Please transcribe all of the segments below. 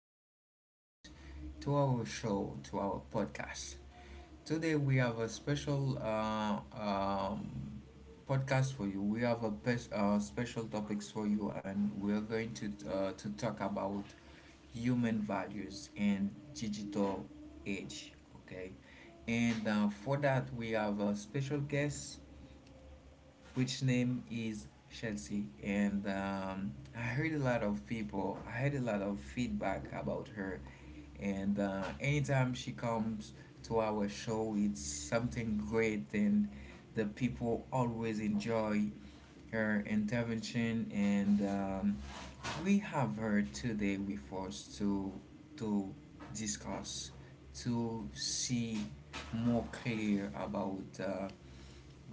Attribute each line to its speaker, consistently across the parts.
Speaker 1: back, listeners, to our show, to our podcast. Today we have a special podcast for you. We have a best, special topics for you, and we're going to to talk about human values and digital age. Okay, and for that we have a special guest which name is Chelsea. And I heard a lot of people, I had a lot of feedback about her. And anytime she comes to our show, it's something great, and the people always enjoy her intervention. And we have her today with us to discuss to see more clear about uh,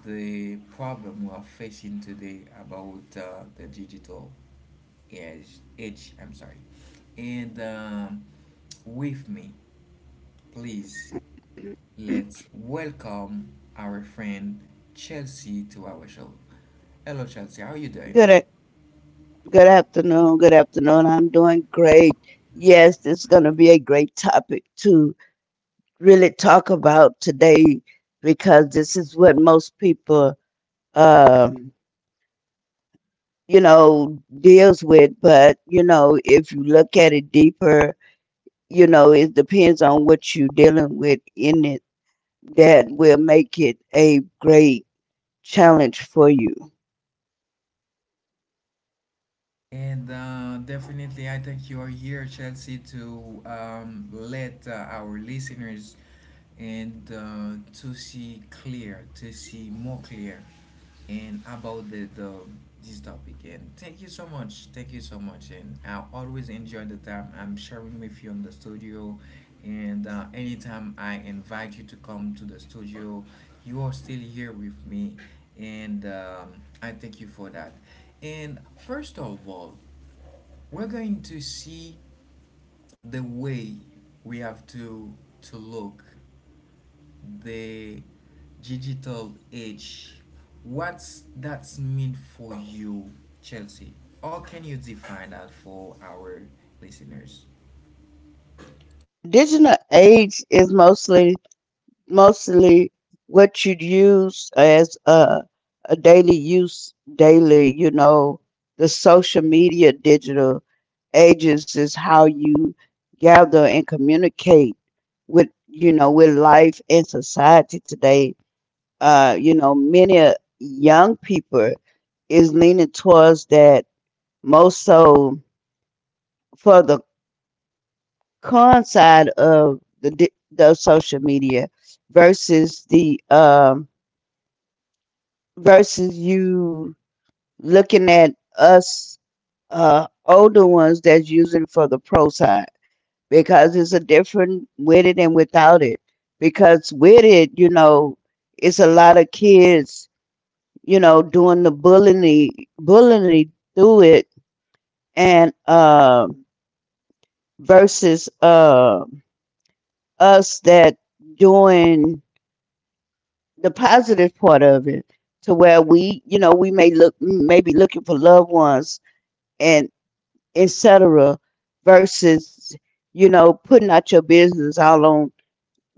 Speaker 1: the problem we are facing today about the digital age, I'm sorry. And with me, please let's welcome our friend Chelsea to our show. Hello, Chelsea. How are you doing?
Speaker 2: Good a- Good afternoon. Good afternoon. I'm doing great. Yes, it's going to be a great topic to really talk about today because this is what most people uh deals with, but you know, if you look at it deeper, you know, it depends on what you're dealing with in it that will make it a great challenge for you.
Speaker 1: And definitely, I think you are here, Chelsea, to let our listeners and to see clear, to see more clear, and about the this topic. And thank you so much, thank you so much. And I always enjoy the time I'm sharing with you in the studio. And anytime I invite you to come to the studio, you are still here with me, and I thank you for that. And first of all, we're going to see the way we have to look the digital age. What's that mean for you, Chelsea? How can you define that for our listeners?
Speaker 2: Digital age is mostly what you'd use as a daily use daily, you know, the social media. Digital ages is how you gather and communicate with, you know, with life and society today. You know, many young people is leaning towards that most. So for the con side of the social media versus the versus you looking at us older ones that's using for the pro side, because it's a different with it and without it. Because with it, you know, it's a lot of kids, you know, doing the bullying, bullying through it, and versus us that doing the positive part of it to where we, you know, we may look maybe looking for loved ones and. etc. Versus, you know, putting out your business all on,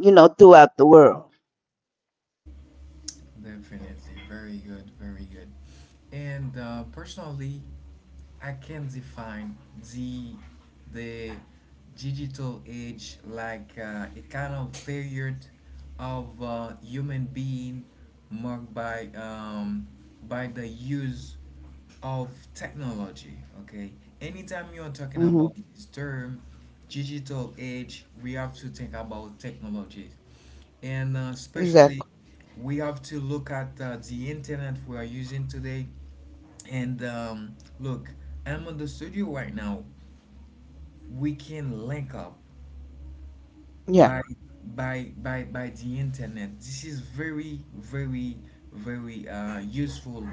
Speaker 2: you know, throughout the world.
Speaker 1: Definitely. Very good. Very good. And personally, I can define the the digital age like a kind of period of human being marked by the use of technology. Okay, anytime you are talking about
Speaker 2: Hmm.
Speaker 1: this term, digital age, we have to think about technology and especially
Speaker 2: Exactly.
Speaker 1: we have to look at the internet we are using today and look, I'm in the studio right now. We can link up
Speaker 2: Yeah.
Speaker 1: by by the internet. This is very useful.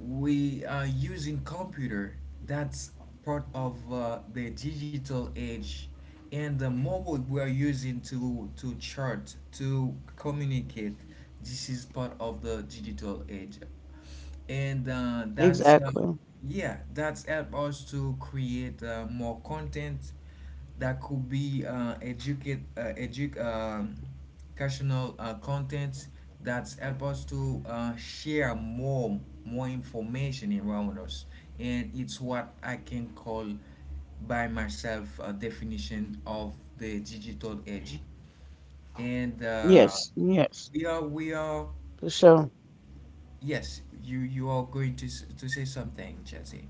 Speaker 1: We are using computer. That's part of the digital age, and the mobile we are using to chart to communicate. This is part of the digital age, and that's
Speaker 2: Exactly.
Speaker 1: yeah, that's help us to create more content that could be educational content, that's help us to share more information around us, and it's what I can call by myself a definition of the digital age. And
Speaker 2: Yes. Yes.
Speaker 1: we are
Speaker 2: For sure.
Speaker 1: Yes, you are going to say something, Chelsea.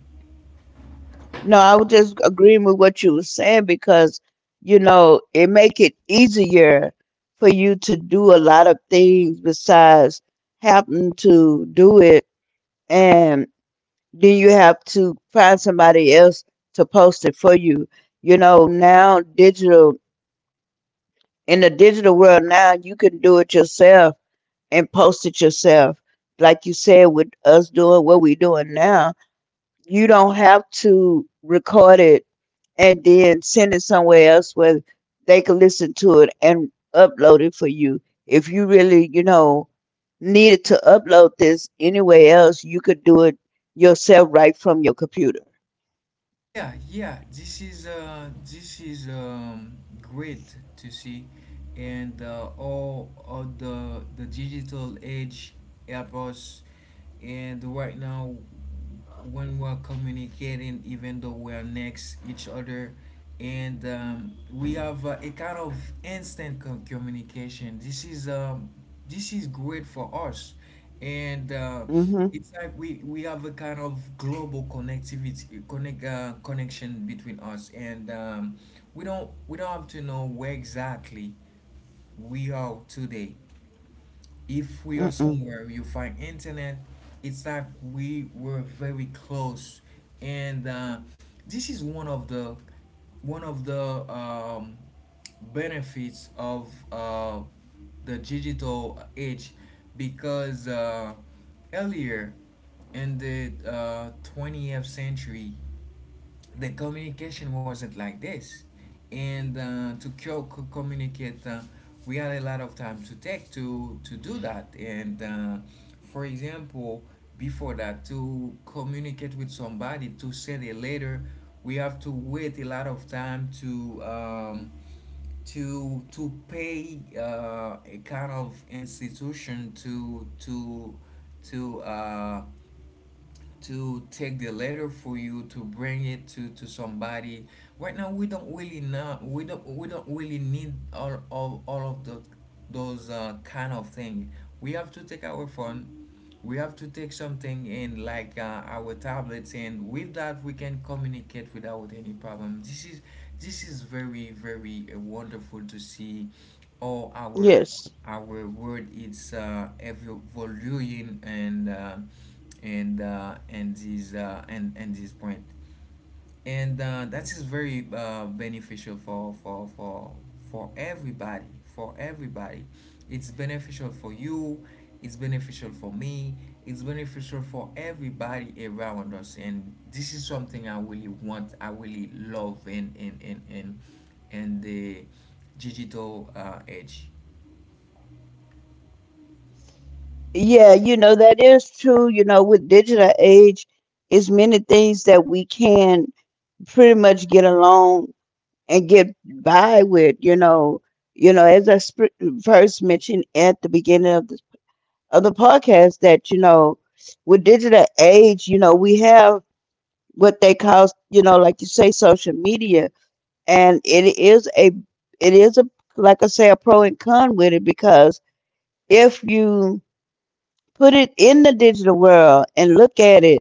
Speaker 2: No, I was just agreeing with what you were saying because, you know, it make it easier for you to do a lot of things besides having to do it and then you have to find somebody else to post it for you. You know, now digital in the digital world now you can do it yourself and post it yourself, like you said, with us doing what we're doing now. You don't have to record it and then send it somewhere else where they can listen to it and upload it for you. If you really, you know, needed to upload this anywhere else, you could do it yourself right from your computer.
Speaker 1: Yeah, yeah. This is great to see, and all of the digital age help us, and right now when we're communicating, even though we're next each other, and we have a kind of instant communication. This is great for us, and
Speaker 2: Mm-hmm.
Speaker 1: it's like we have a kind of global connectivity connect connection between us. And we don't have to know where exactly we are today. If we are
Speaker 2: Mm-mm.
Speaker 1: somewhere you find internet, it's like we were very close. And this is one of the um, benefits of the digital age, because earlier in the 20th century the communication wasn't like this. And communicate, we had a lot of time to take to do that. And for example, before that, to communicate with somebody, to send a letter, we have to wait a lot of time to pay a kind of institution to uh, to take the letter for you to bring it to somebody. Right now we don't really know, we don't really need all of the those kind of thing. We have to take our phone, we have to take something in like our tablets, and with that we can communicate without any problem. This is this is very wonderful to see. All
Speaker 2: Yes.
Speaker 1: our word is evolving, and this point, and that is very beneficial for everybody, for everybody. It's beneficial for you, it's beneficial for me, it's beneficial for everybody around us, and this is something I really love in the digital age.
Speaker 2: Yeah, you know, that is true. You know, with digital age, it's many things that we can pretty much get along and get by with, you know. You know, first mentioned at the beginning of of the podcast, that, you know, with digital age, you know, we have what they call, you know, like you say, social media. And it is a, like I say, a pro and con with it, because if you put it in the digital world and look at it,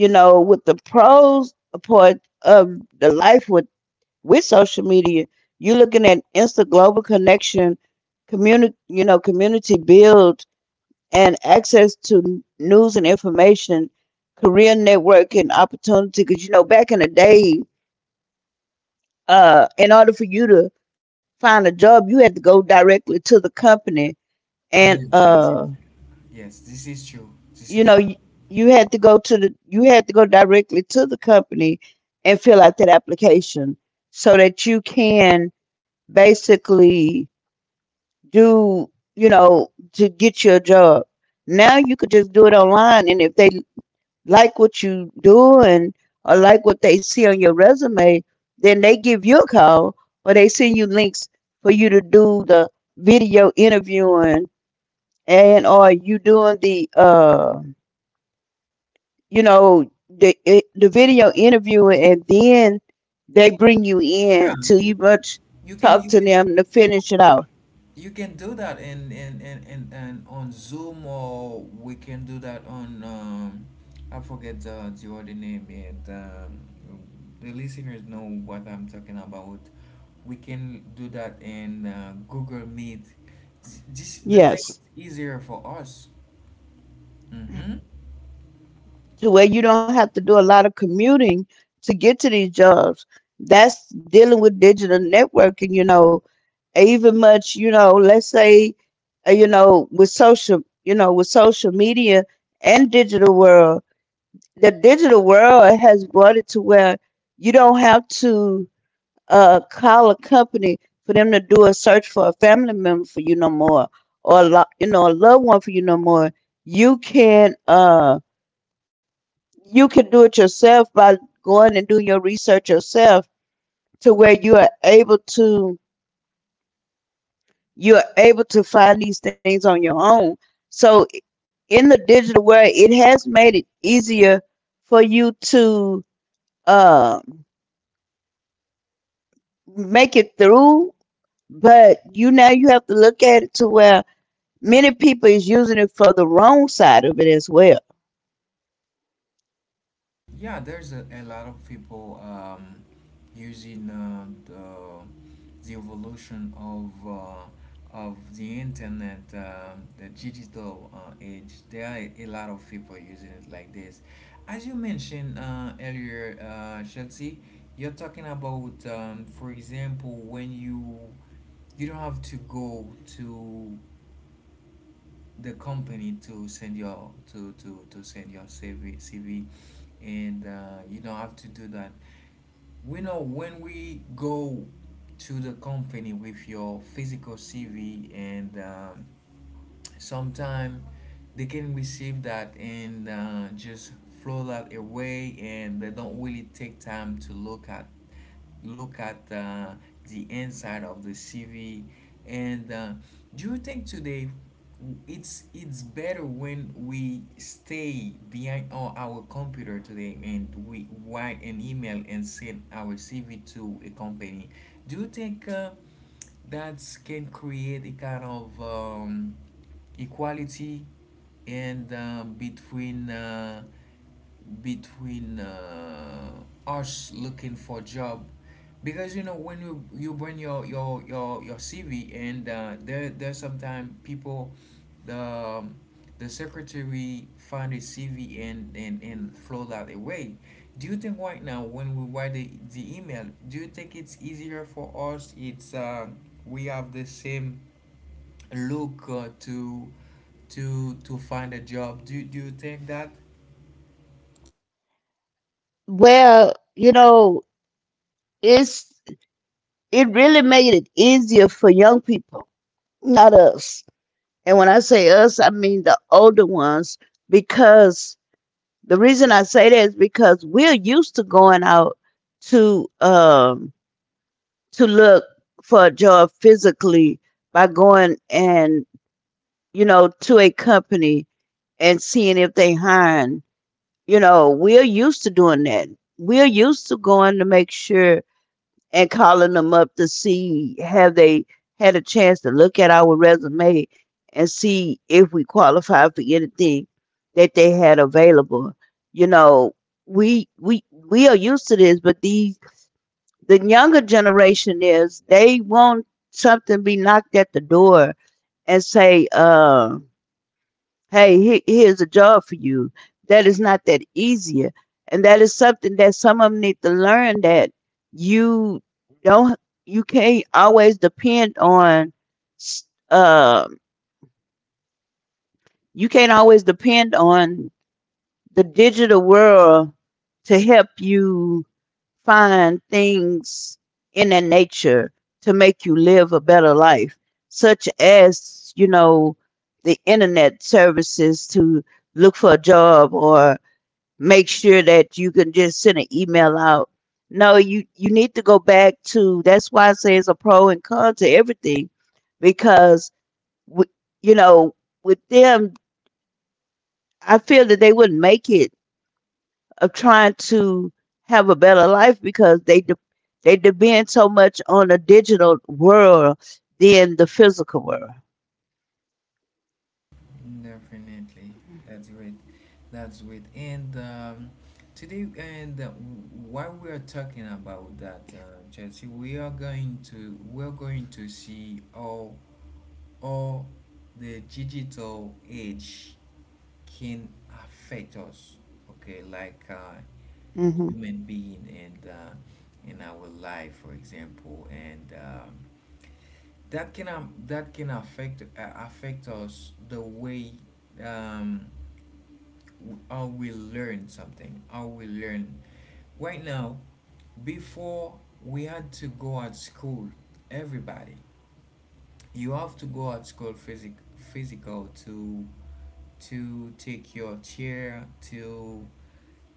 Speaker 2: you know, with the pros part of the life with social media, you're looking at instant global connection, community, you know, community build, and access to news and information, career networking opportunity. Because you know, back in the day, in order for you to find a job, you had to go directly to the company and
Speaker 1: Yes, yes,
Speaker 2: uh
Speaker 1: yes. This is true. This
Speaker 2: you know
Speaker 1: is
Speaker 2: you had to go to the you had to go directly to the company and fill out that application so that you can basically do, you know, to get your job. Now you could just do it online, and if they like what you doing or like what they see on your resume, then they give you a call or they send you links for you to do the video interviewing, and or you doing the you know the video interview, and then they bring you
Speaker 1: yeah.
Speaker 2: in to you much
Speaker 1: You can you
Speaker 2: talk to
Speaker 1: can
Speaker 2: them to finish it out.
Speaker 1: you can do that in on Zoom, or we can do that on I forget the other name. And the listeners know what I'm talking about. We can do that in Google Meet. This the thing is
Speaker 2: Yes.
Speaker 1: easier for us. Mm-hmm.
Speaker 2: To where you don't have to do a lot of commuting to get to these jobs that's dealing with digital networking, you know. Even much, you know, let's say, you know, with social you know, with social media and digital world, the digital world has brought it to where you don't have to call a company for them to do a search for a family member for you no more, or you know, a loved one for you no more. You can uh, you can do it yourself by going and doing your research yourself to where you are able to find these things on your own. So in the digital world, it has made it easier for you to uh, make it through. But you now you have to look at it to where many people is using it for the wrong side of it as well.
Speaker 1: Yeah, there's a lot of people using the evolution of the internet, the digital age. There are a lot of people using it like this. As you mentioned earlier, Chelsea, you're talking about, for example, when you don't have to go to the company to send your CV, and you don't have to do that. We know when we go to the company with your physical CV, and sometimes they can receive that and just flow that away, and they don't really take time to look at the inside of the CV. And do you think today it's better when we stay behind our computer today, and we write an email and send our CV to a company? Do you think that can create a kind of equality and between us looking for job? Because you know when you bring your CV, and there there's sometimes people, the the secretary find a CV and flow that away. Do you think right now when we write the email, do you think it's easier for us? It's we have the same look to find a job, do you think that?
Speaker 2: Well, you know, it's it really made it easier for young people, not us. And when I say us, I mean the older ones, because the reason I say that is because we're used to going out to um to look for joy physically by going and, you know, to a company and seeing if they hiring. You know, we're used to doing that. We're used to going to make sure and calling them up to see have they had a chance to look at our resume and see if we qualify for anything that they had available. You know, we we we are used to this. But these the younger generation is they want something be knocked at the door and say, hey, here's a job for you. That is not that easier. And that is something that some of them need to learn that you don't, you can't always depend on, s- uh, you can't always depend on the digital world to help you find things in that nature to make you live a better life, such as, you know, the internet services to look for a job or make sure that you can just send an email out. No, you need to go back to. That's why I say it's a pro and con to everything, because w- you know, with them, I feel that they wouldn't make it of trying to have a better life because they depend so much on the digital world than the physical world.
Speaker 1: Definitely. That's great, that's great. And today, and while we are talking about that, Chelsea, we're going to see how or the digital age can affect us. Okay, like
Speaker 2: Mm-hmm.
Speaker 1: human being, and in our life for example, and that can affect affect us the way um, how we learn something, how we learn right now. Before, we had to go at school, everybody, you have to go at school physical to take your chair to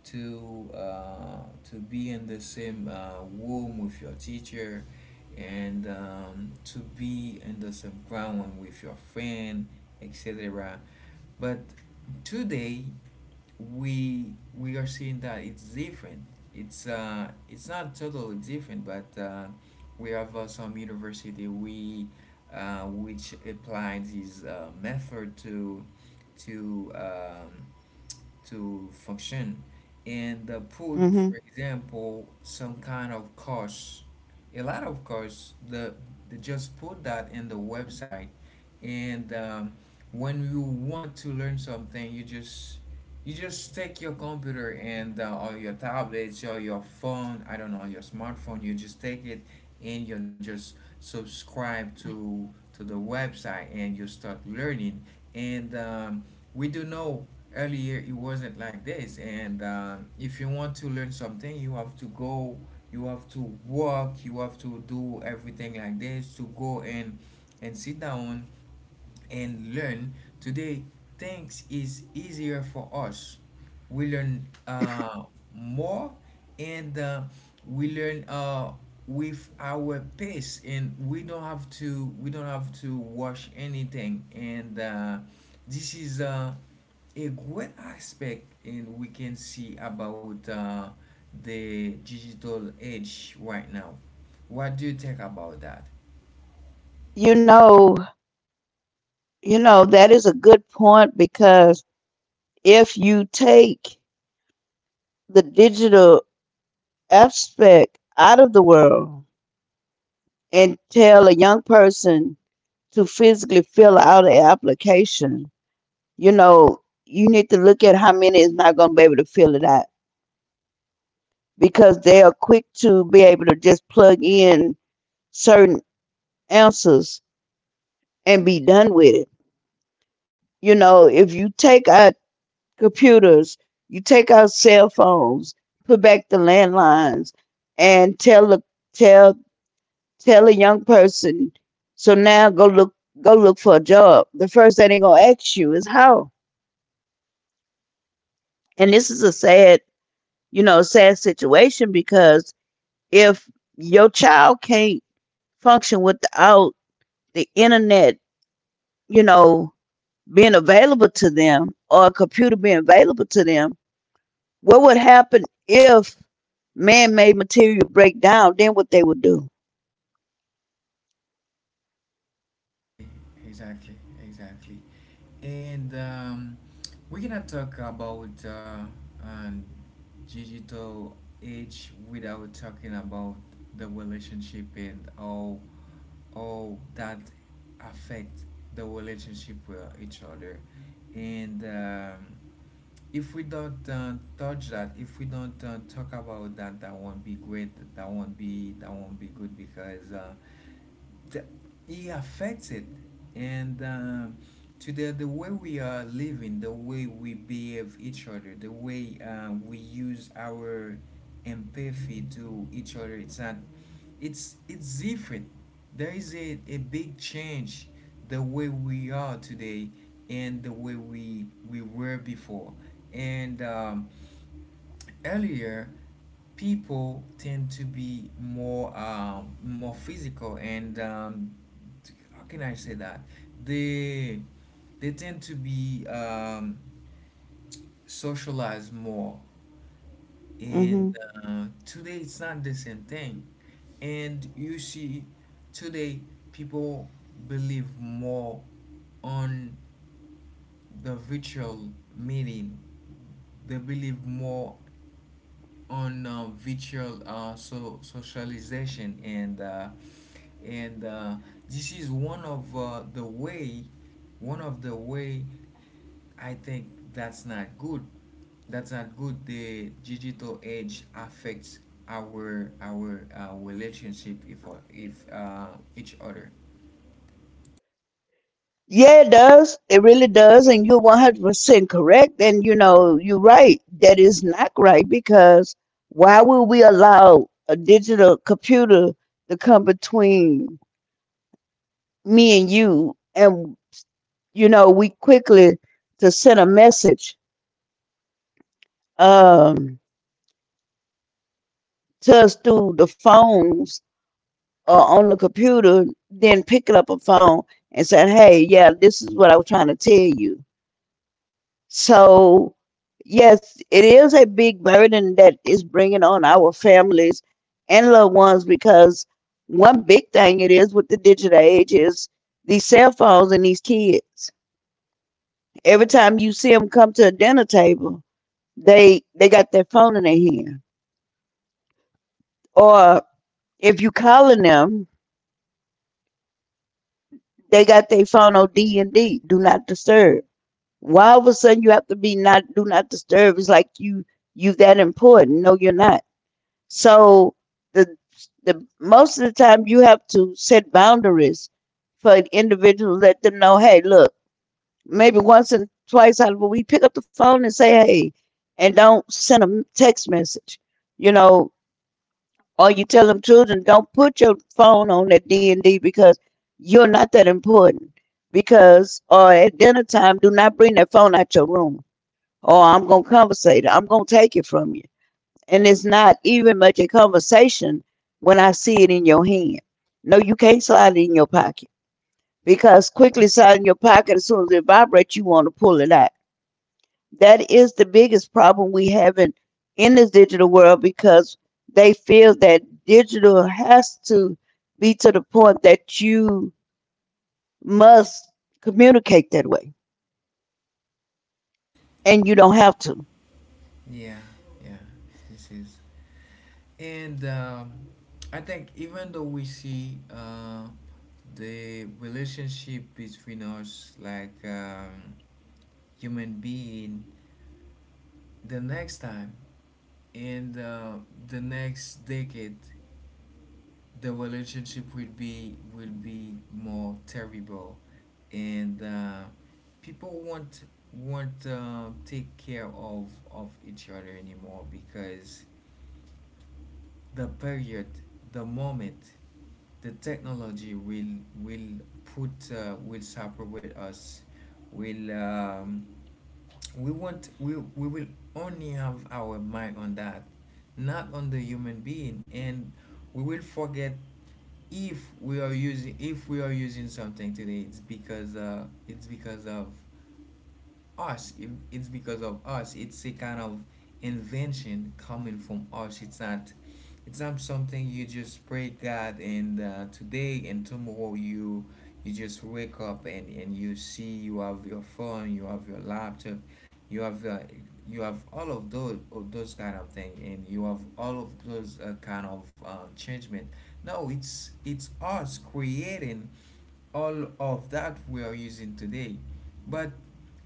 Speaker 1: to uh, to be in the same room with your teacher, and to be in the same ground with your friend, etc. But today, we are seeing that it's different. It's not totally different, but we have some university we which applies this method to to um, to function, and put, for
Speaker 2: Mm-hmm.
Speaker 1: example, some kind of course, a lot of course, they just put that in the website. And when you want to learn something, you just take your computer and or your tablets or your phone, I don't know, your smartphone. You just take it and you just subscribe to the website and you start learning. And we do know earlier it wasn't like this. And if you want to learn something, you have to go, you have to work, you have to do everything like this, to go and sit down and learn. Today things is easier for us. We learn more. And we learn with our pace, and we don't have to watch anything. And this is a great aspect, and we can see about the digital age right now. What do you think about that?
Speaker 2: You know, you know that is a good point because if you take the digital abstract out of the world and tell a young person to physically fill out an application, you know, you need to look at how many is not going to be able to fill it out because they are quick to be able to just plug in certain answers and be done with it. You know, if you take our computers, you take our cell phones, put back the landlines, and tell the tell tell a young person, so now go look for a job. The first thing they're gonna ask you is how. And this is a sad, you know, sad situation because if your child can't function without the internet, you know, being available to them or a computer being available to them, what would happen if man made material break down? Then what they would do?
Speaker 1: Exactly, exactly. And we're gonna talk about um, digital age without talking about the relationship, and how that affect the relationship with each other. And if we don't touch that, if we don't talk about that, that won't be great. That won't be good because... the, it affects it and to the way we are living, the way we behave each other, the way we use our empathy to each other. It's different. There is a big change, the way we are today and the way we were before. And Earlier, people tend to be more more physical, and how can I say that, they they tend to be socialized more. and
Speaker 2: Mm-hmm.
Speaker 1: uh, today it's not the same thing, and you see today people believe more on the virtual meeting. They believe more on virtual so socialization, and this is one of the way, one of the way, I think that's not good. That's not good. The digital age affects our relationship, if each other.
Speaker 2: Yeah, it does. It really does. And you're 100% correct. And you know, you're right. That is not right because why would we allow a digital computer to come between me and you? And, you know, we quickly to send a message, um, to us through the phones or on the computer, then picking up a phone and saying, hey, yeah, this is what I was trying to tell you. So, yes, it is a big burden that is bringing on our families and loved ones, because one big thing it is with the digital age is these cell phones and these kids. Every time you see them come to a dinner table, they they got their phone in their hand. Or if you calling them, they got their phone on D and D, do not disturb. Why all of a sudden you have to be not do not disturb? It's like you that important. No, you're not. So the the most of the time you have to set boundaries for an individual, let them know, hey, look, maybe once and twice out of a week pick up the phone and say hey, and don't send them text message, you know. Or you tell them children, don't put your phone on that D&D, because you're not that important. Because or at dinner time, do not bring that phone out your room, or I'm going to conversate, I'm going to take it from you, and it's not even much a conversation when I see it in your hand. No, you can't slide it in your pocket, because quickly slide in your pocket as soon as it vibrates, you want to pull it out. That is the biggest problem we have in this digital world, because they feel that digital has to be to the point that you must communicate that way, and you don't have to.
Speaker 1: Yeah, yeah. This is, and I think, even though we see the relationship between us, like human being, the next time and the next decade, the relationship will be, will be more terrible, and people won't take care of each other anymore, because the period, the moment, the technology will, put will suffer with us, will we will only have our mind on that, not on the human being. And we will forget. If we are using if we are using something today, it's because of us. It- It's because of us. It's a kind of invention coming from us. It's not. It's not something you just pray God and today, and tomorrow you you just wake up and and you see you have your phone, you have your laptop, you have uh, you have all of those, of those kind of thing, and you have all of those kind of changement. No, it's us creating all of that we are using today, but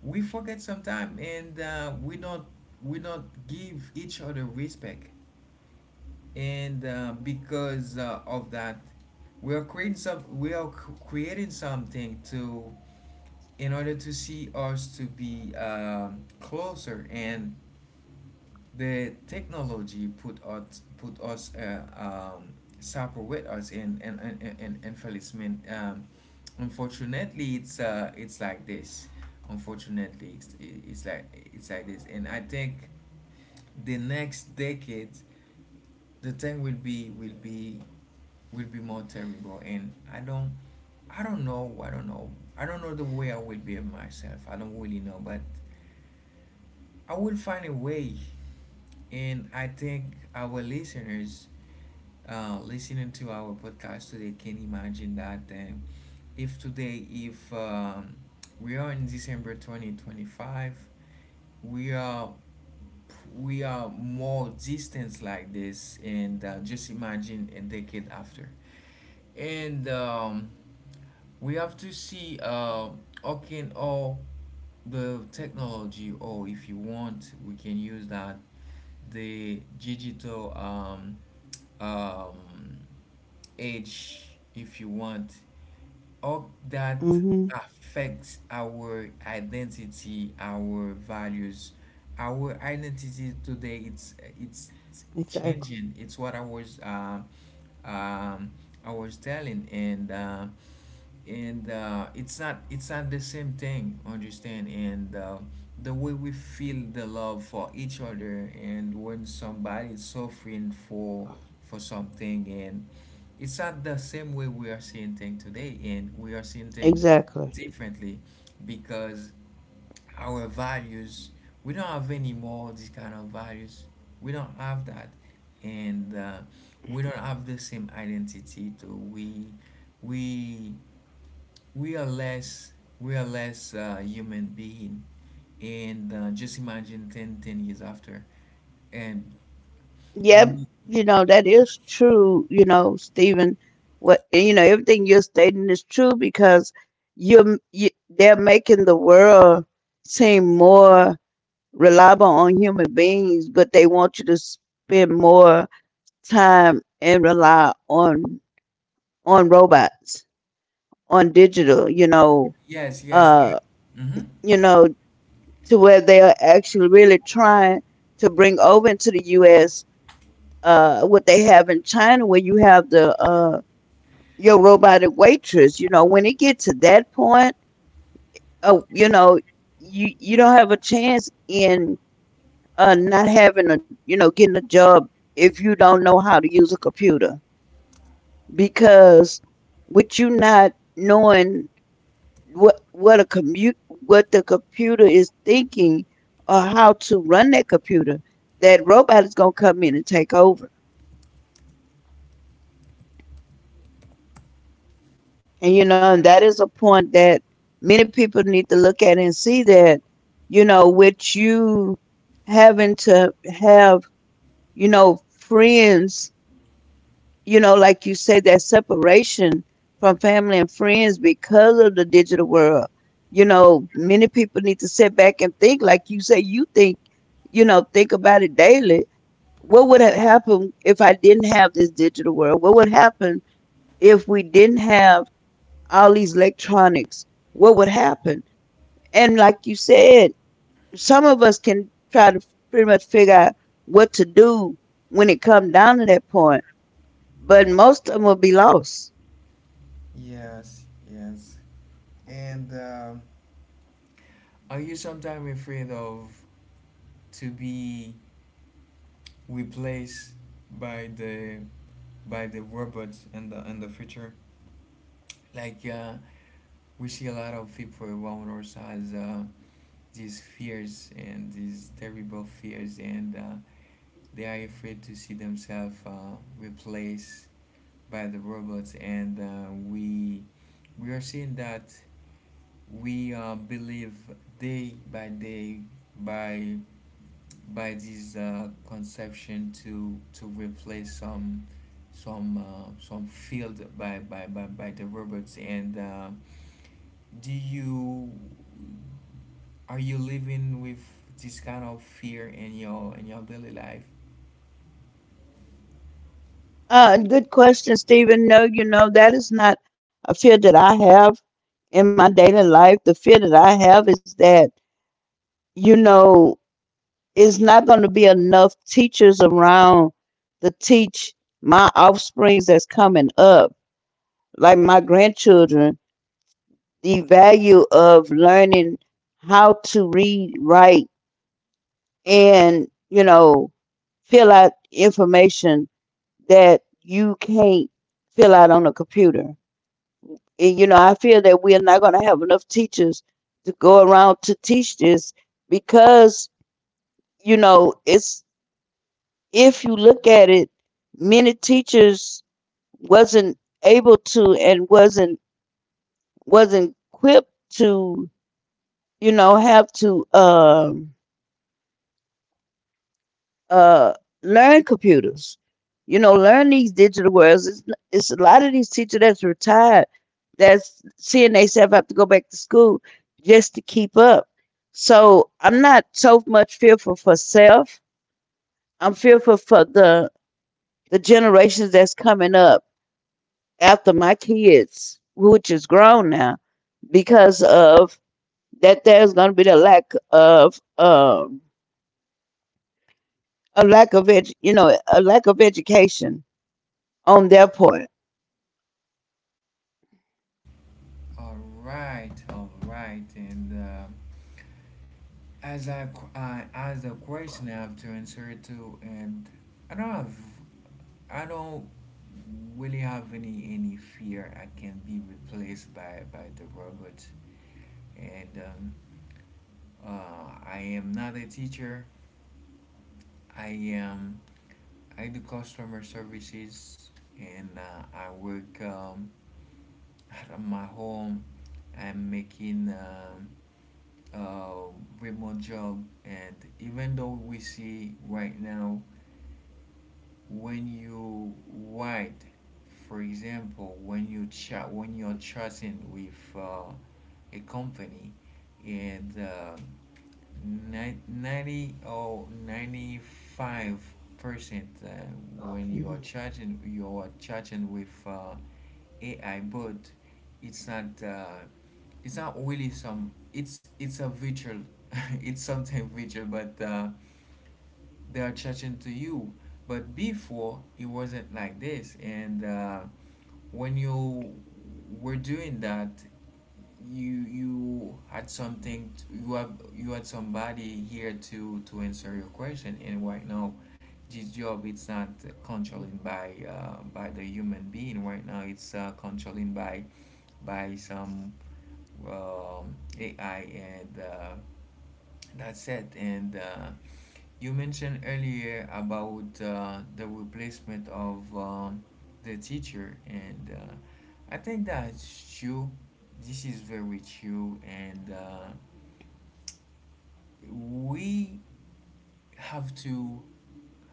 Speaker 1: we forget sometimes, and we not, we not give each other respect, and because of that, we are creating some, we are creating something to, in order to see us to be closer, and the technology put us, separate us in and Feliceman. Unfortunately, it's like this. Unfortunately, it's like, it's like this. And I think the next decade, the thing will be, will be will be more terrible. And I don't, I don't know, I don't know the way I will behave myself. I don't really know, but I will find a way. And I think our listeners listening to our podcast today can imagine that. If today, if we are in December 2025, we are, we are more distant like this, and just imagine a decade after. And We have to see how can all the technology, or if you want, we can use that, the digital um, age, if you want, all that
Speaker 2: Hmm.
Speaker 1: affects our identity, our values, our identity today. It's
Speaker 2: Exactly.
Speaker 1: changing. It's what um, I was telling, and it's not, it's not the same thing. Understand? And the way we feel the love for each other, and when somebody is suffering for something. And it's not the same way we are seeing things today, and we are seeing things
Speaker 2: Exactly.
Speaker 1: differently, because our values, we don't have anymore these kind of values. We don't have that. And we don't have the same identity. So we we are less, we are less human being. And just imagine 10, 10 years after. And
Speaker 2: Yep,
Speaker 1: we,
Speaker 2: you know, that is true, you know, Stephen. What, everything you're stating is true because they're making the world seem more reliable on human beings, but they want you to spend more time and rely on robots, on digital. you know,
Speaker 1: yes, yes.
Speaker 2: uh,
Speaker 1: Hmm.
Speaker 2: you know, to where they are actually really trying to bring over into the US what they have in China, where you have the your robotic waitress. When it gets to that point, uh, you know, you don't have a chance in not having a you know getting a job if you don't know how to use a computer, because with you not knowing what a commute what the computer is thinking or how to run that computer, that robot is gonna come in and take over. And that is a point that many people need to look at and see that, with you having to have, friends, like you said, that separation from family and friends because of the digital world. Many people need to sit back and think, like you say, you think, you know, think about it daily. What would have happened if I didn't have this digital world? What would happen if we didn't have all these electronics, what would happen? And like you said, some of us can try to pretty much figure out what to do when it comes down to that point, but most of them will be lost.
Speaker 1: Yes, yes. And Are you sometimes afraid of to be replaced by the, by the robots in the, in the future? Like we see a lot of people around us has these fears and these terrible fears, and they are afraid to see themselves replaced by the robots. And We are seeing that. We believe day by day, by by this conception to replace some, some field by the robots. And Do you, are you living with this kind of fear in your, in your daily life?
Speaker 2: Good question, Stephen. No, you know that is not a fear that I have in my daily life. The fear that I have is that you know it's not going to be enough teachers around to teach my offsprings that's coming up, like my grandchildren, the value of learning how to read, write, and fill out information that you can't fill out on a computer. And I feel that we are not going to have enough teachers to go around to teach this because you know, it's if you look at it, many teachers wasn't able to, and wasn't equipped to you know have to uh learn computers, learn these digital worlds. It's a lot of these teachers that's retired, that's seeing they self have to go back to school just to keep up. So I'm not so much fearful for self. I'm fearful for the generations that's coming up after my kids, which is grown now, because of that there's going to be the lack of a lack of edu- a lack of education on their part.
Speaker 1: All right, all right. and As I, I asked a question, I have to answer it to and I don't have, I don't really have any fear I can be replaced by the robot. And I am not a teacher. I am, I do customer services, and I work out of my home. I'm making a remote job. And even though we see right now, when you write, for example, when you chat, when you're chatting with a company, and 90 or 95 percent uh, when you are chatting, you are chatting with AI. But it's not uh, it's not really some, it's a virtual, it's something virtual, but they are chatting to you. But before, it wasn't like this. And When you were doing that, you had something t you have, you had somebody here to answer your question. And right now this job, it's not controlling by the human being right now. It's controlling by some um, AI. And That's it. And You mentioned earlier about the replacement of the teacher. And I think that's true. This is very true. And We have to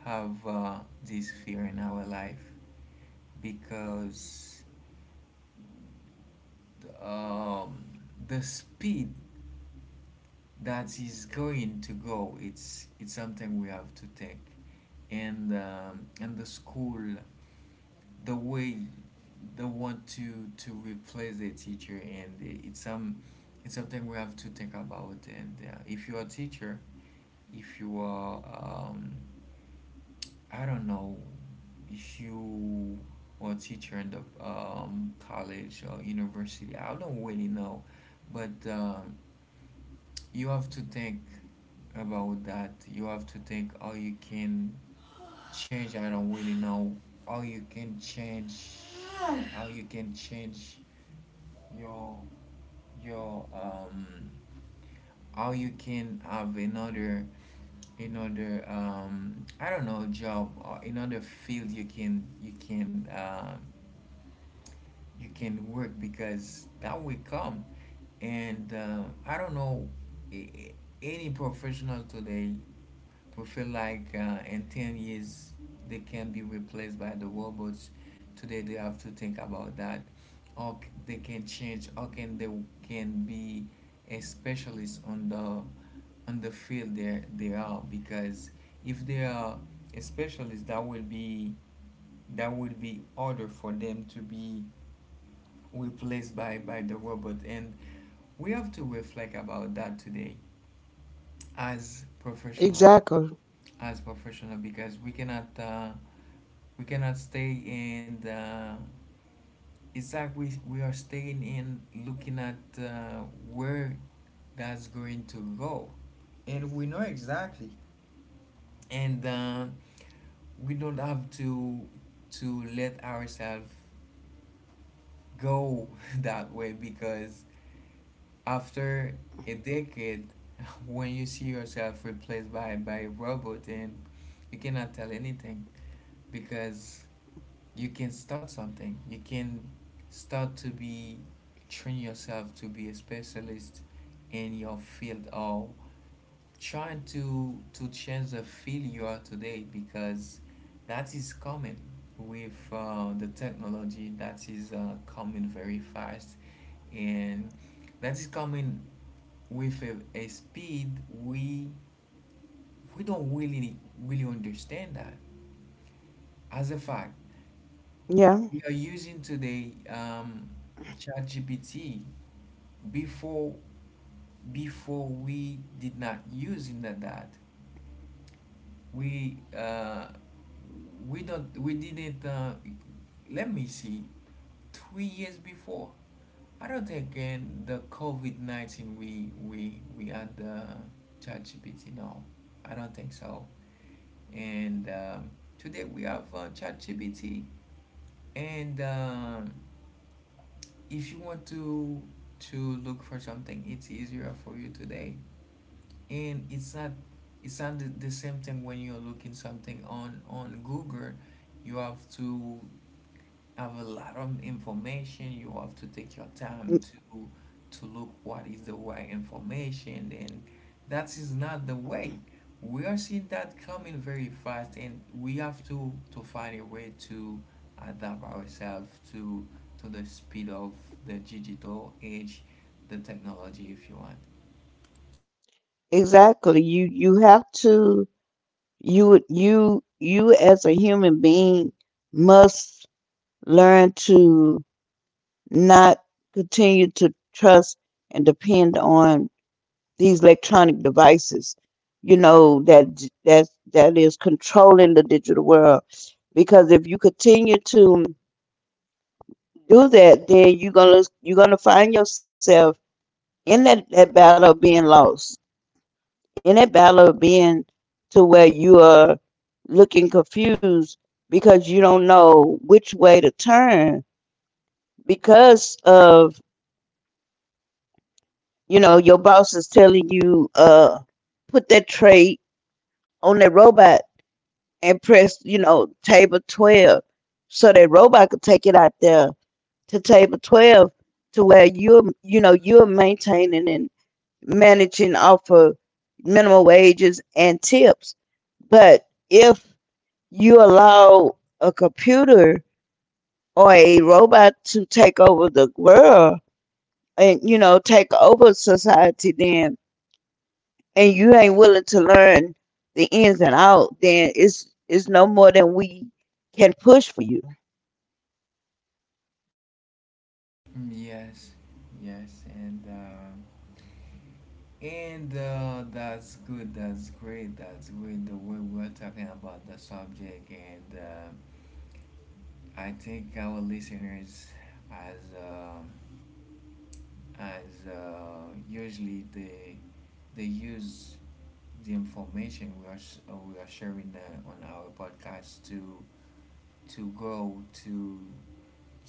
Speaker 1: have this fear in our life, because um, the speed that is going to go, it's something we have to take. And the school, the way they want to replace the teacher, and it's some, it's something we have to think about. And If you're a teacher, if you are I don't know, if you are a teacher in the college or university, I don't really know. But you have to think about that. You have to think how you can change. I don't really know how you can change, how you can change your, your how you can have another, another, I don't know, job, or another field you can, you can you can work, because that will come. And I don't know, any professional today, we feel like in 10 years they can be replaced by the robots. Today they have to think about that. Or they can change, or can they, can be a specialist on the, on the field they are. Because if they are a specialist, that will be, that will be harder for them to be replaced by the robot. And we have to reflect about that today as professional,
Speaker 2: Exactly.
Speaker 1: as professional, because we cannot stay in the exact, we are staying in, looking at where that's going to go. And we know exactly. And we don't have to let ourselves go that way, because after a decade when you see yourself replaced by a robot, and you cannot tell anything, because you can start something. You can start to be, train yourself to be a specialist in your field, or trying to change the field you are today, because that is coming with the technology that is coming very fast, and that is coming with a speed we we don't really, really understand that as a fact.
Speaker 2: Yeah,
Speaker 1: We are using today ChatGPT. Before, before we did not using that, that we uh, we don't we didn't let me see, 3 years before. I don't think in the COVID 19 we, we had the ChatGPT. No, I don't think so. And Today we have ChatGPT, and if you want to look for something, it's easier for you today. And it's not, it's not the, the same thing when you're looking something on Google. You have to have a lot of information. You have to take your time to to look what is the right information. And that is not the way. We are seeing that coming very fast, and we have to find a way to adapt ourselves to the speed of the digital age, the technology, if you want.
Speaker 2: exactly. You have to you you you as a human being must learn to not continue to trust and depend on these electronic devices. You know that that is controlling the digital world, because if you continue to do that, then you're gonna find yourself in that battle of being lost. In that battle of being To where you are looking confused, because you don't know which way to turn, because of your boss is telling you, put that tray on that robot and press, table 12, so that robot could take it out there to table 12, to where you're you know you're maintaining and managing off of minimum wages and tips. But if you allow a computer or a robot to take over the world, and take over society, then, and you ain't willing to learn the ins and out, then it's no more than we can push for you.
Speaker 1: Mm, yes, yes, and that's good, that's great, that's great, the way we're talking about the subject. And I think our listeners, as uh, usually, they use the information we are we are sharing on our podcast to grow, to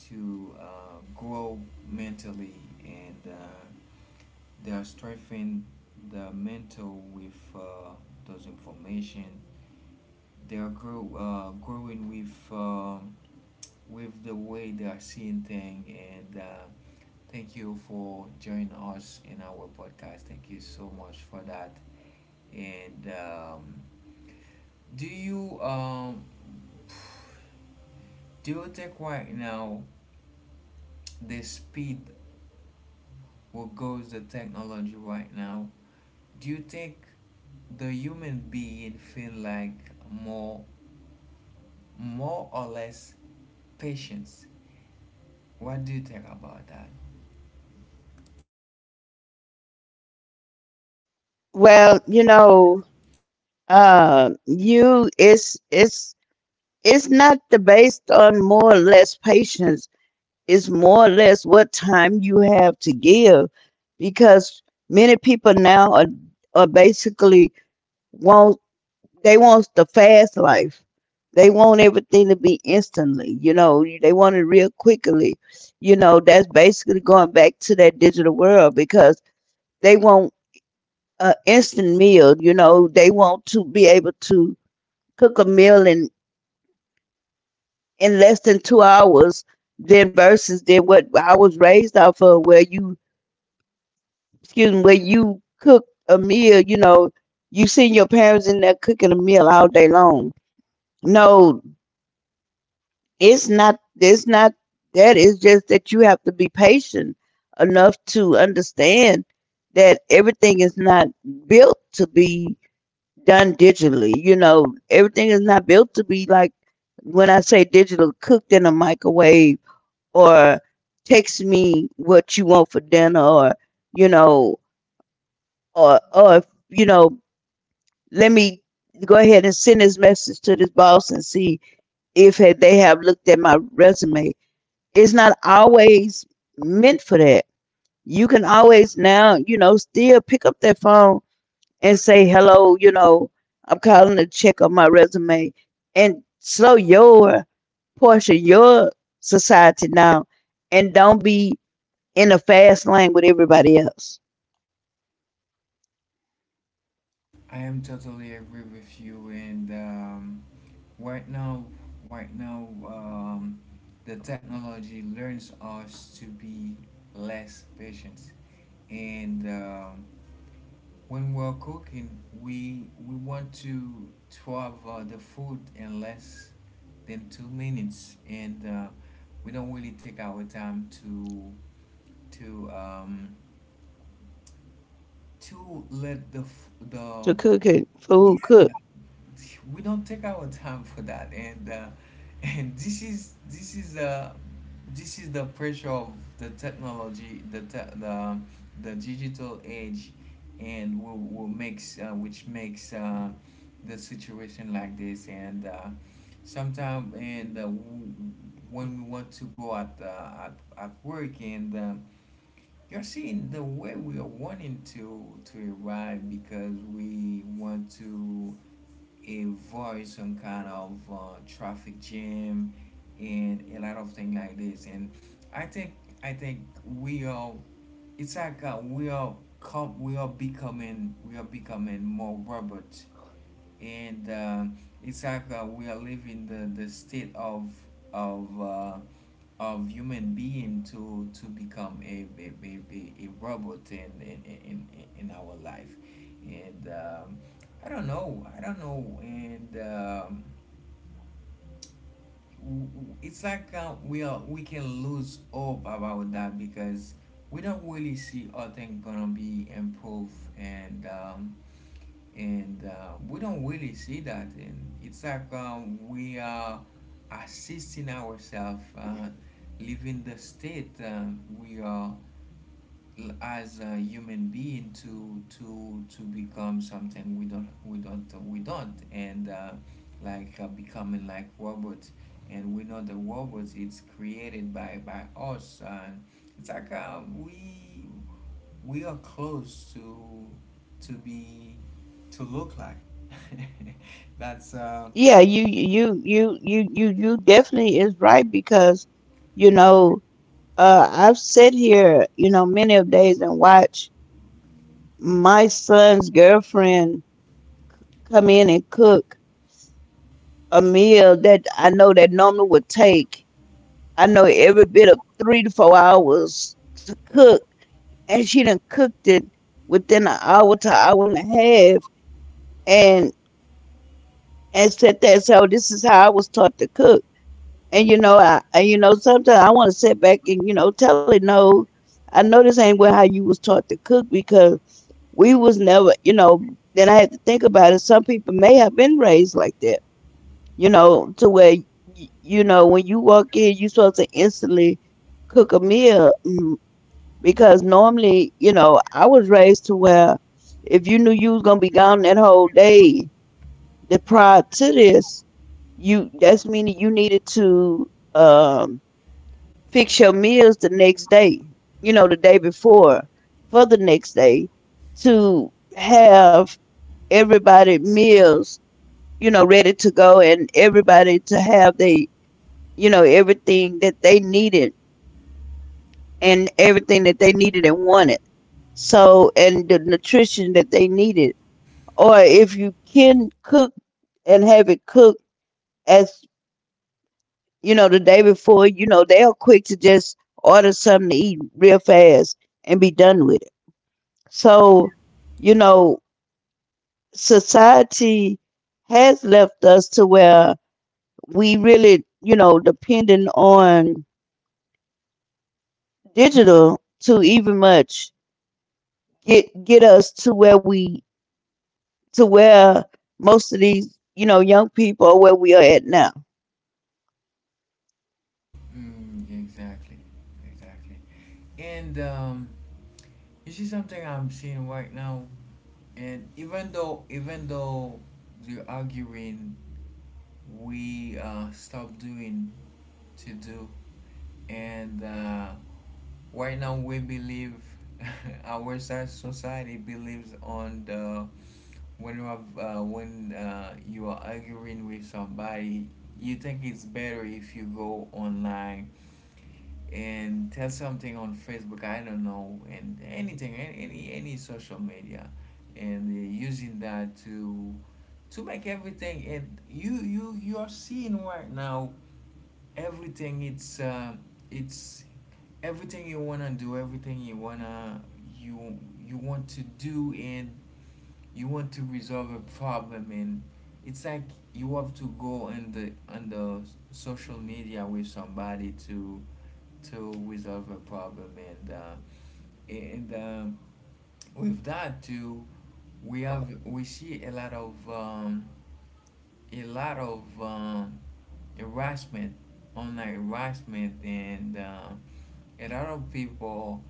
Speaker 1: to grow mentally. And. They are strengthening the mental with those information. They are growing with the way they are seeing things. And Thank you for joining us in our podcast. Thank you so much for that. And Do you do you think right now, the speed what goes the technology right now, do you think the human being feel like more, more or less patience? What do you think about that?
Speaker 2: Well you know uh you it's not the based on more or less patience. It's more or less what time you have to give, because many people now are basically wants. They wants the fast life. They want everything to be instantly. They want it real quickly. That's basically going back to that digital world, because they want an instant meal. They want to be able to cook a meal in less than 2 hours, than versus than what I was raised off of, where you excuse me, where you cook a meal, you know. You seen your parents in there cooking a meal all day long. No, it's not that. It's just that you have to be patient enough to understand that everything is not built to be done digitally. You know, everything is not built to be like, when I say digital cooked in a microwave, or text me what you want for dinner, you know or you know let me go ahead and send this message to this boss and see if they have looked at my resume. It's not always meant for that. You can always now, still pick up that phone and say, hello, I'm calling to check on my resume, and slow your portion, your society down, and don't be in a fast lane with everybody else.
Speaker 1: I am totally agree with you and right now right now, the technology learns us to be less patient and when we're cooking, we want to have the food in less than 2 minutes, and we don't really take our time to um to let the
Speaker 2: To cook it, food,
Speaker 1: yeah
Speaker 2: cook.
Speaker 1: we don't take our time for that and and this is the pressure of the technology the te- the digital age and will makes which makes the situation like this and sometimes when we want to go at work and you're seeing the way we are wanting to arrive because we want to avoid some kind of traffic jam and a lot of things like this. And I think I think we are. It's like we are com- we are becoming more robots and it's like we are living the state of uh, of human being to become a robot in our life and I don't know and it's like we can lose hope about that because we don't really see how things gonna be improved and we don't really see that and it's like we are assisting ourselves living the state we are as a human being to become something we don't and like becoming like robots and we know the robots it's created by us and it's like we are close to be to look like. That's uh,
Speaker 2: Yeah, you definitely is right, because you know I've sat here many of days and watch my son's girlfriend come in and cook a meal that I know that normally would take, I know, every bit of 3 to 4 hours to cook, and she done cooked it within an hour to hour and a half, and and said that so this is how I was taught to cook. And sometimes I want to sit back and tell it no. I know this ain't what how you was taught to cook, because we was never. Then I had to think about it. Some people may have been raised like that, to where when you walk in, you supposed to instantly cook a meal, because normally, I was raised to where if you knew you was gonna be gone that whole day, the prior to this, you, that's meaning, you needed to fix your meals the next day, the day before, for the next day, to have everybody meals, ready to go, and everybody to have everything that they needed, and everything that they needed and wanted. So, and the nutrition that they needed. Or if you can cook and have it cooked as, the day before, they're quick to just order something to eat real fast and be done with. So, you know, society has left us to where we really, depending on digital to even much get get us to where to where most of these, young people are where we are at now.
Speaker 1: exactly, exactly. And you see something I'm seeing right now, and even though they're arguing, we stop doing to do, and right now we believe our society believes on the when you have when you are arguing with somebody you think it's better if you go online and tell something on Facebook I don't know and anything any social media and using that to make everything and you are seeing right now everything it's it's everything you wanna you you want to do and you want to resolve a problem and it's like you have to go on the social media with somebody to resolve a problem and with that too we see a lot of a lot of um, harassment, online harassment, and a lot of people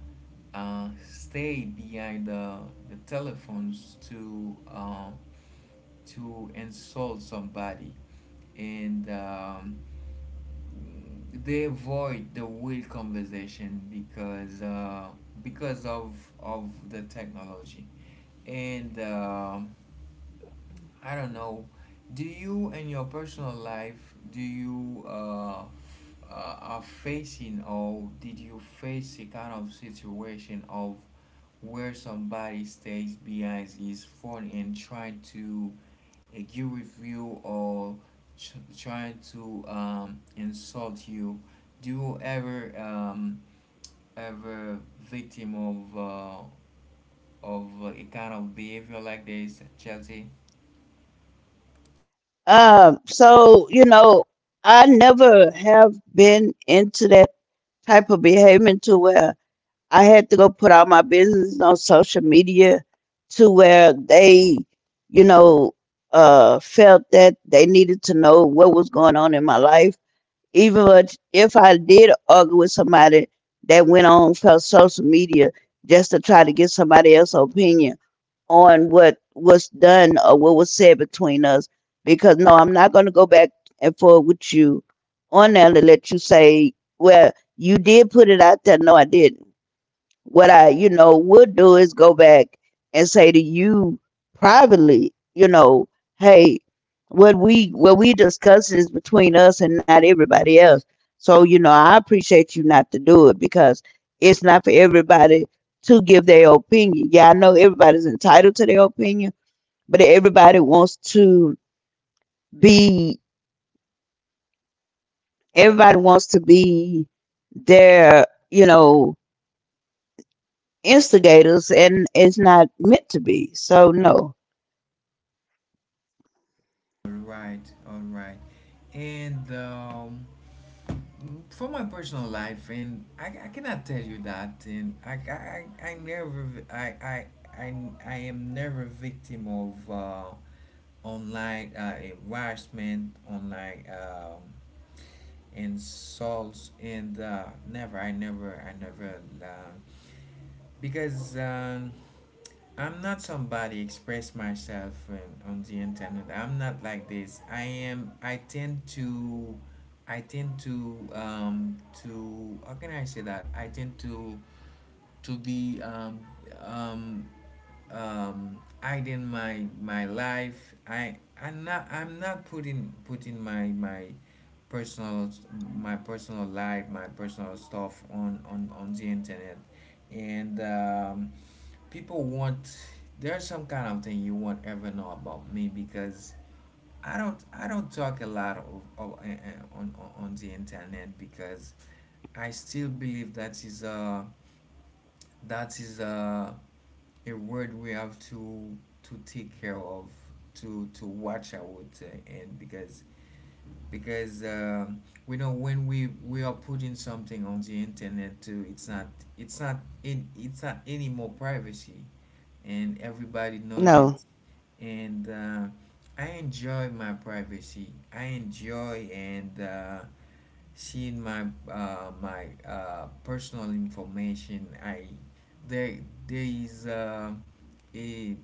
Speaker 1: stay behind the telephones to insult somebody, and they avoid the real conversation because of the technology, and. I don't know. Do you, in your personal life, do you are facing or did you face a kind of situation of where somebody stays behind his phone and trying to agree with you or trying to insult you? Do you ever victim of of a kind of behavior like this, Chelsea?
Speaker 2: So, I never have been into that type of behavior to where I had to go put out my business on social media to where they, you know, felt that they needed to know what was going on in my life. Even if I did argue with somebody, that went on for social media just to try to get somebody else's opinion on what was done or what was said between us, because no, I'm not going to go back and forth with you on there to let you say, well, you did put it out there. No, I didn't. What I, would do is go back and say to you privately, you know, hey, what we discuss is between us and not everybody else. So, I appreciate you not to do it, because it's not for everybody to give their opinion. Yeah, I know everybody's entitled to their opinion, but be everybody wants to be their, instigators, and it's not meant to be. So no.
Speaker 1: All right, all right. And for my personal life, and I cannot tell you that, and I never, I, I, I am never victim of online harassment, online insults, and never, I never, uh, because I'm not somebody express myself on the internet. I'm not like this. I am. I tend to how can I say that? I tend to be um hiding my life. I'm not I'm not putting personal my personal life my personal stuff on the internet and people want there's some kind of thing you won't ever know about me because I don't talk a lot of, on the internet because I still believe that is a that is a a word we have to take care of to watch out and because because we know when we are putting something on the internet too it's not it's not any more privacy and everybody knows it
Speaker 2: No.
Speaker 1: and I enjoy my privacy. I enjoy and seeing my personal information. I there there is a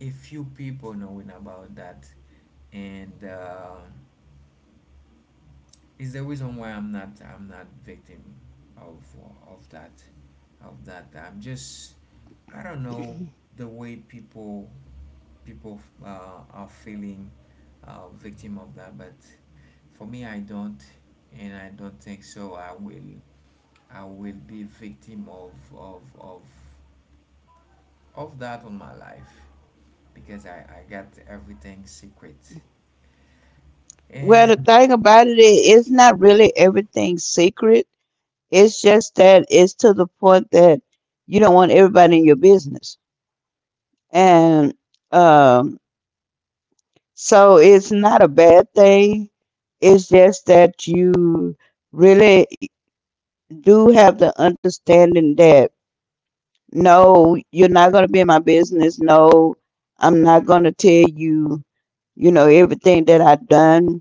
Speaker 1: a few people knowing about that, and is the reason why I'm not victim of of that of that. I'm just I don't know the way people are feeling victim of that but for me I don't and I don't think so I will I will be victim of that on my life because I got everything secret
Speaker 2: Well, the
Speaker 1: and
Speaker 2: thing about it is, it's not really everything secret. It's just that it's to the point that you don't want everybody in your business. And um, so it's not a bad thing. It's just that you really do have the understanding that no, you're not going to be in my business. No, I'm not going to tell you, everything that I've done,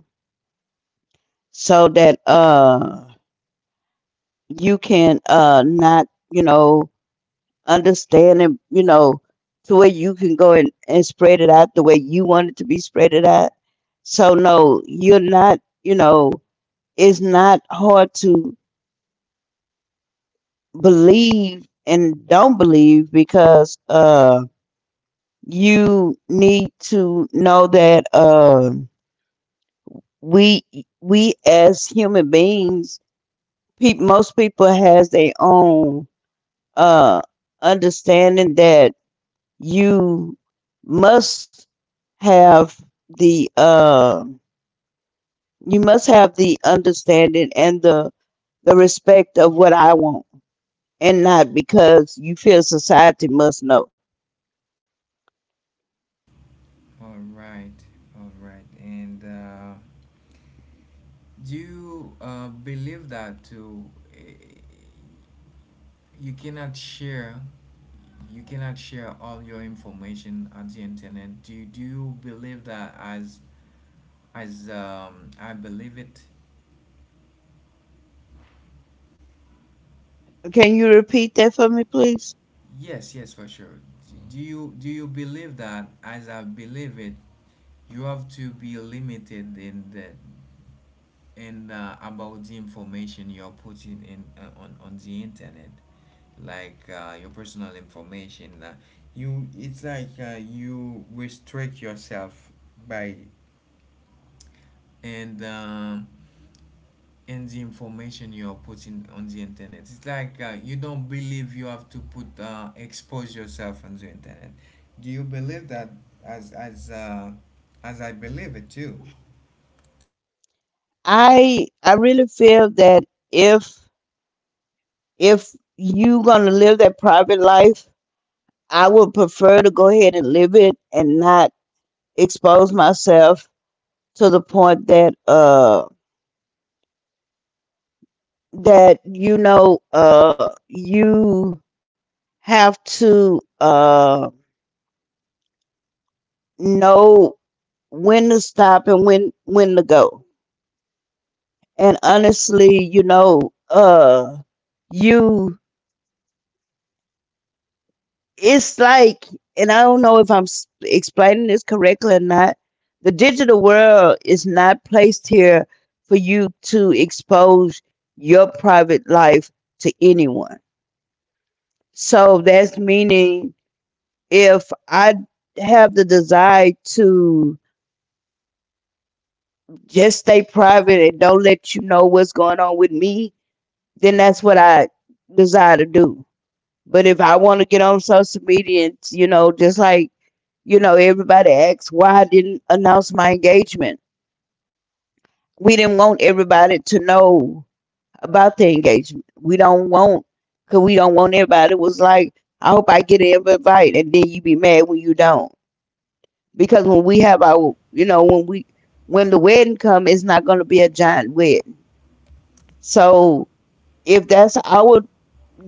Speaker 2: so that. You can not understand it to where you can go and spread it out the way you want it to be spread it out. So no, you're not, it's not hard to believe and don't believe, because you need to know that, we as human beings, peop most people has their own uh understanding that you must have the uh the understanding and the respect of what I want, and not because you feel society must know.
Speaker 1: all right all right and do you believe that to uh, you cannot share you cannot share all your information on the internet. Do you believe that as I believe it?
Speaker 2: Can you repeat that for me, please?
Speaker 1: Yes, yes, for sure. Do you believe that as I believe it, you have to be limited in the in about the information you're putting in on the internet, like your personal information. You it's like you restrict yourself by and um, and the information you are putting on the internet. It's like you don't believe you have to put expose yourself on the internet. Do you believe that as as uh, as I believe it too?
Speaker 2: I really feel that if if you gonna live that private life, I would prefer to go ahead and live it and not expose myself to the point that that you know you have to uh know when to stop, and when to go, and honestly, you know uh you it's like, and I don't know if I'm explaining this correctly or not. The digital world is not placed here for you to expose your private life to anyone, so that's meaning if I have the desire to just stay private and don't let you know what's going on with me, then that's what I desire to do. But if I want to get on social media, and, just like, everybody asks why I didn't announce my engagement. We didn't want everybody to know about the engagement. We don't want, because we don't want, everybody was like, I hope I get an invite. And then you be mad when you don't. Because when we have our you know when we when the wedding come, it's not going to be a giant wedding. So if that's our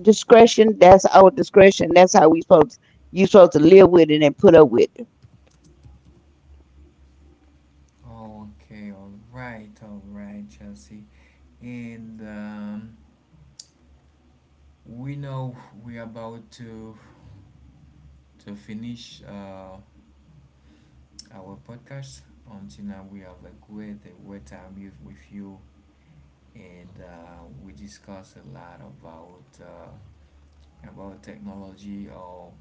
Speaker 2: discretion, that's our discretion. That's how we supposed you supposed to live with it and put up with it.
Speaker 1: Okay, all right, Chelsea, and we know we are about to finish our podcast. Until now, we have a great time with you and we discuss a lot about technology or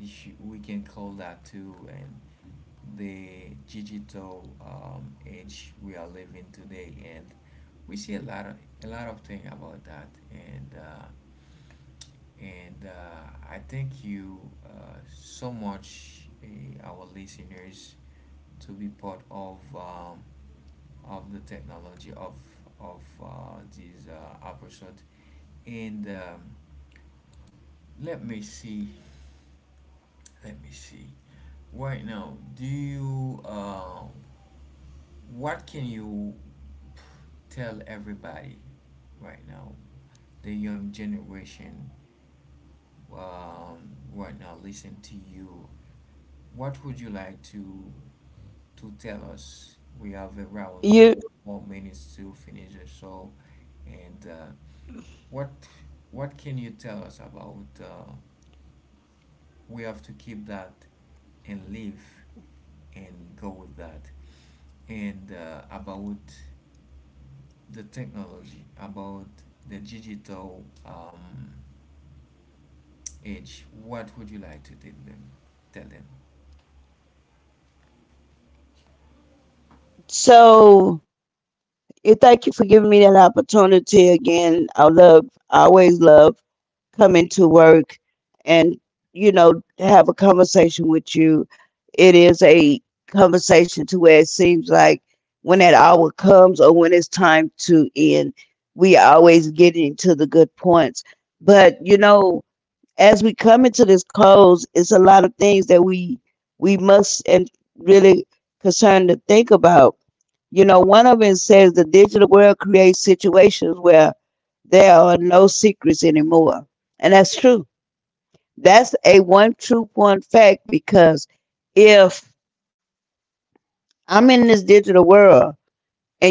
Speaker 1: if we can call that too and the digital age we are living today and we see a lot of thing about that and I thank you uh, so much our listeners to be part of the technology of this episode and let me see let me see right now do you what can you tell everybody right now the young generation right now listen to you what would you like to tell us we have around four
Speaker 2: you
Speaker 1: more minutes to finish the show and What what can you tell us about we have to keep that and live and go with that and about the technology about the digital age what would you like to tell them
Speaker 2: so it, thank you for giving me that opportunity again. I always love coming to work and have a conversation with you. It is a conversation to where it seems like, when that hour comes or when it's time to end, we are always getting to the good points. But as we come into this close, it's a lot of things that we must and really concerned to think about. One of it says the digital world creates situations where there are no secrets anymore. And that's true. That's a one truth, one fact, because if I'm in this digital world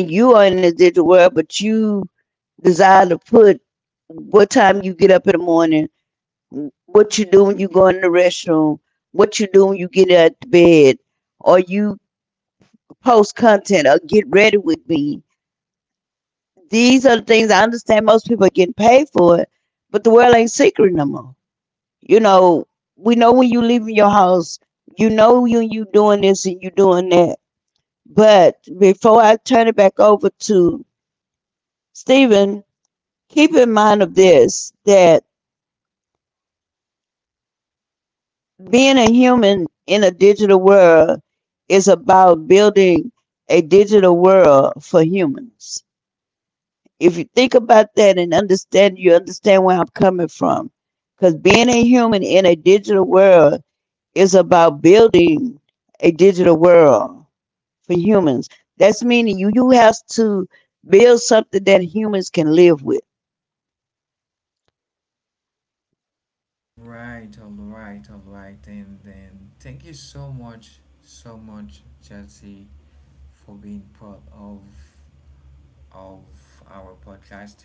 Speaker 2: and you are in this digital world, but you desire to put what time you get up in the morning, what you do when you go in the restroom, what you do when you get out of bed, or you post content or get ready with me. These are the things I understand most people are getting paid for it, but the world ain't secret no more. You know, we know when you leaving your house, you know when you doing this and you doing that. But before I turn it back over to Stephen, keep in mind of this, that being a human in a digital world is about building a digital world for humans. If you think about that and understand, you understand where I'm coming from. Because being a human in a digital world is about building a digital world for humans. That's meaning you have to build something that humans can live with.
Speaker 1: right, all right, all right. And then thank you so much, so much, Chelsea, for being part of our podcast,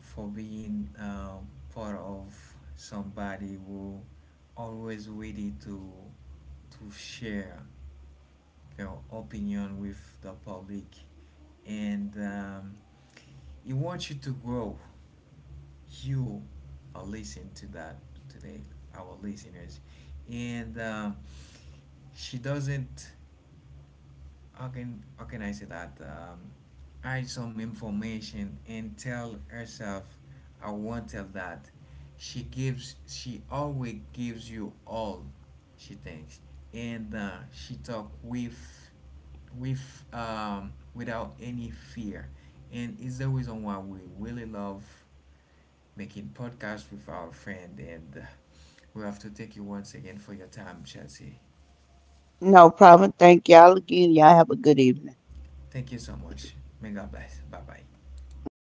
Speaker 1: for being part of somebody who always ready to share their opinion with the public, and he wants you to grow you are listening to that today, our listeners, and she doesn't. How can I say that? Hide some information and tell herself, I won't tell that. She gives. She always gives you all. She thinks, and she talk with without any fear, and it's the reason why we really love making podcast with our friend. And we have to thank you once again for your time, Chelsea.
Speaker 2: No problem. Thank y'all again. Y'all have a good evening.
Speaker 1: Thank you so much. May God bless. Bye bye.
Speaker 2: Mhm.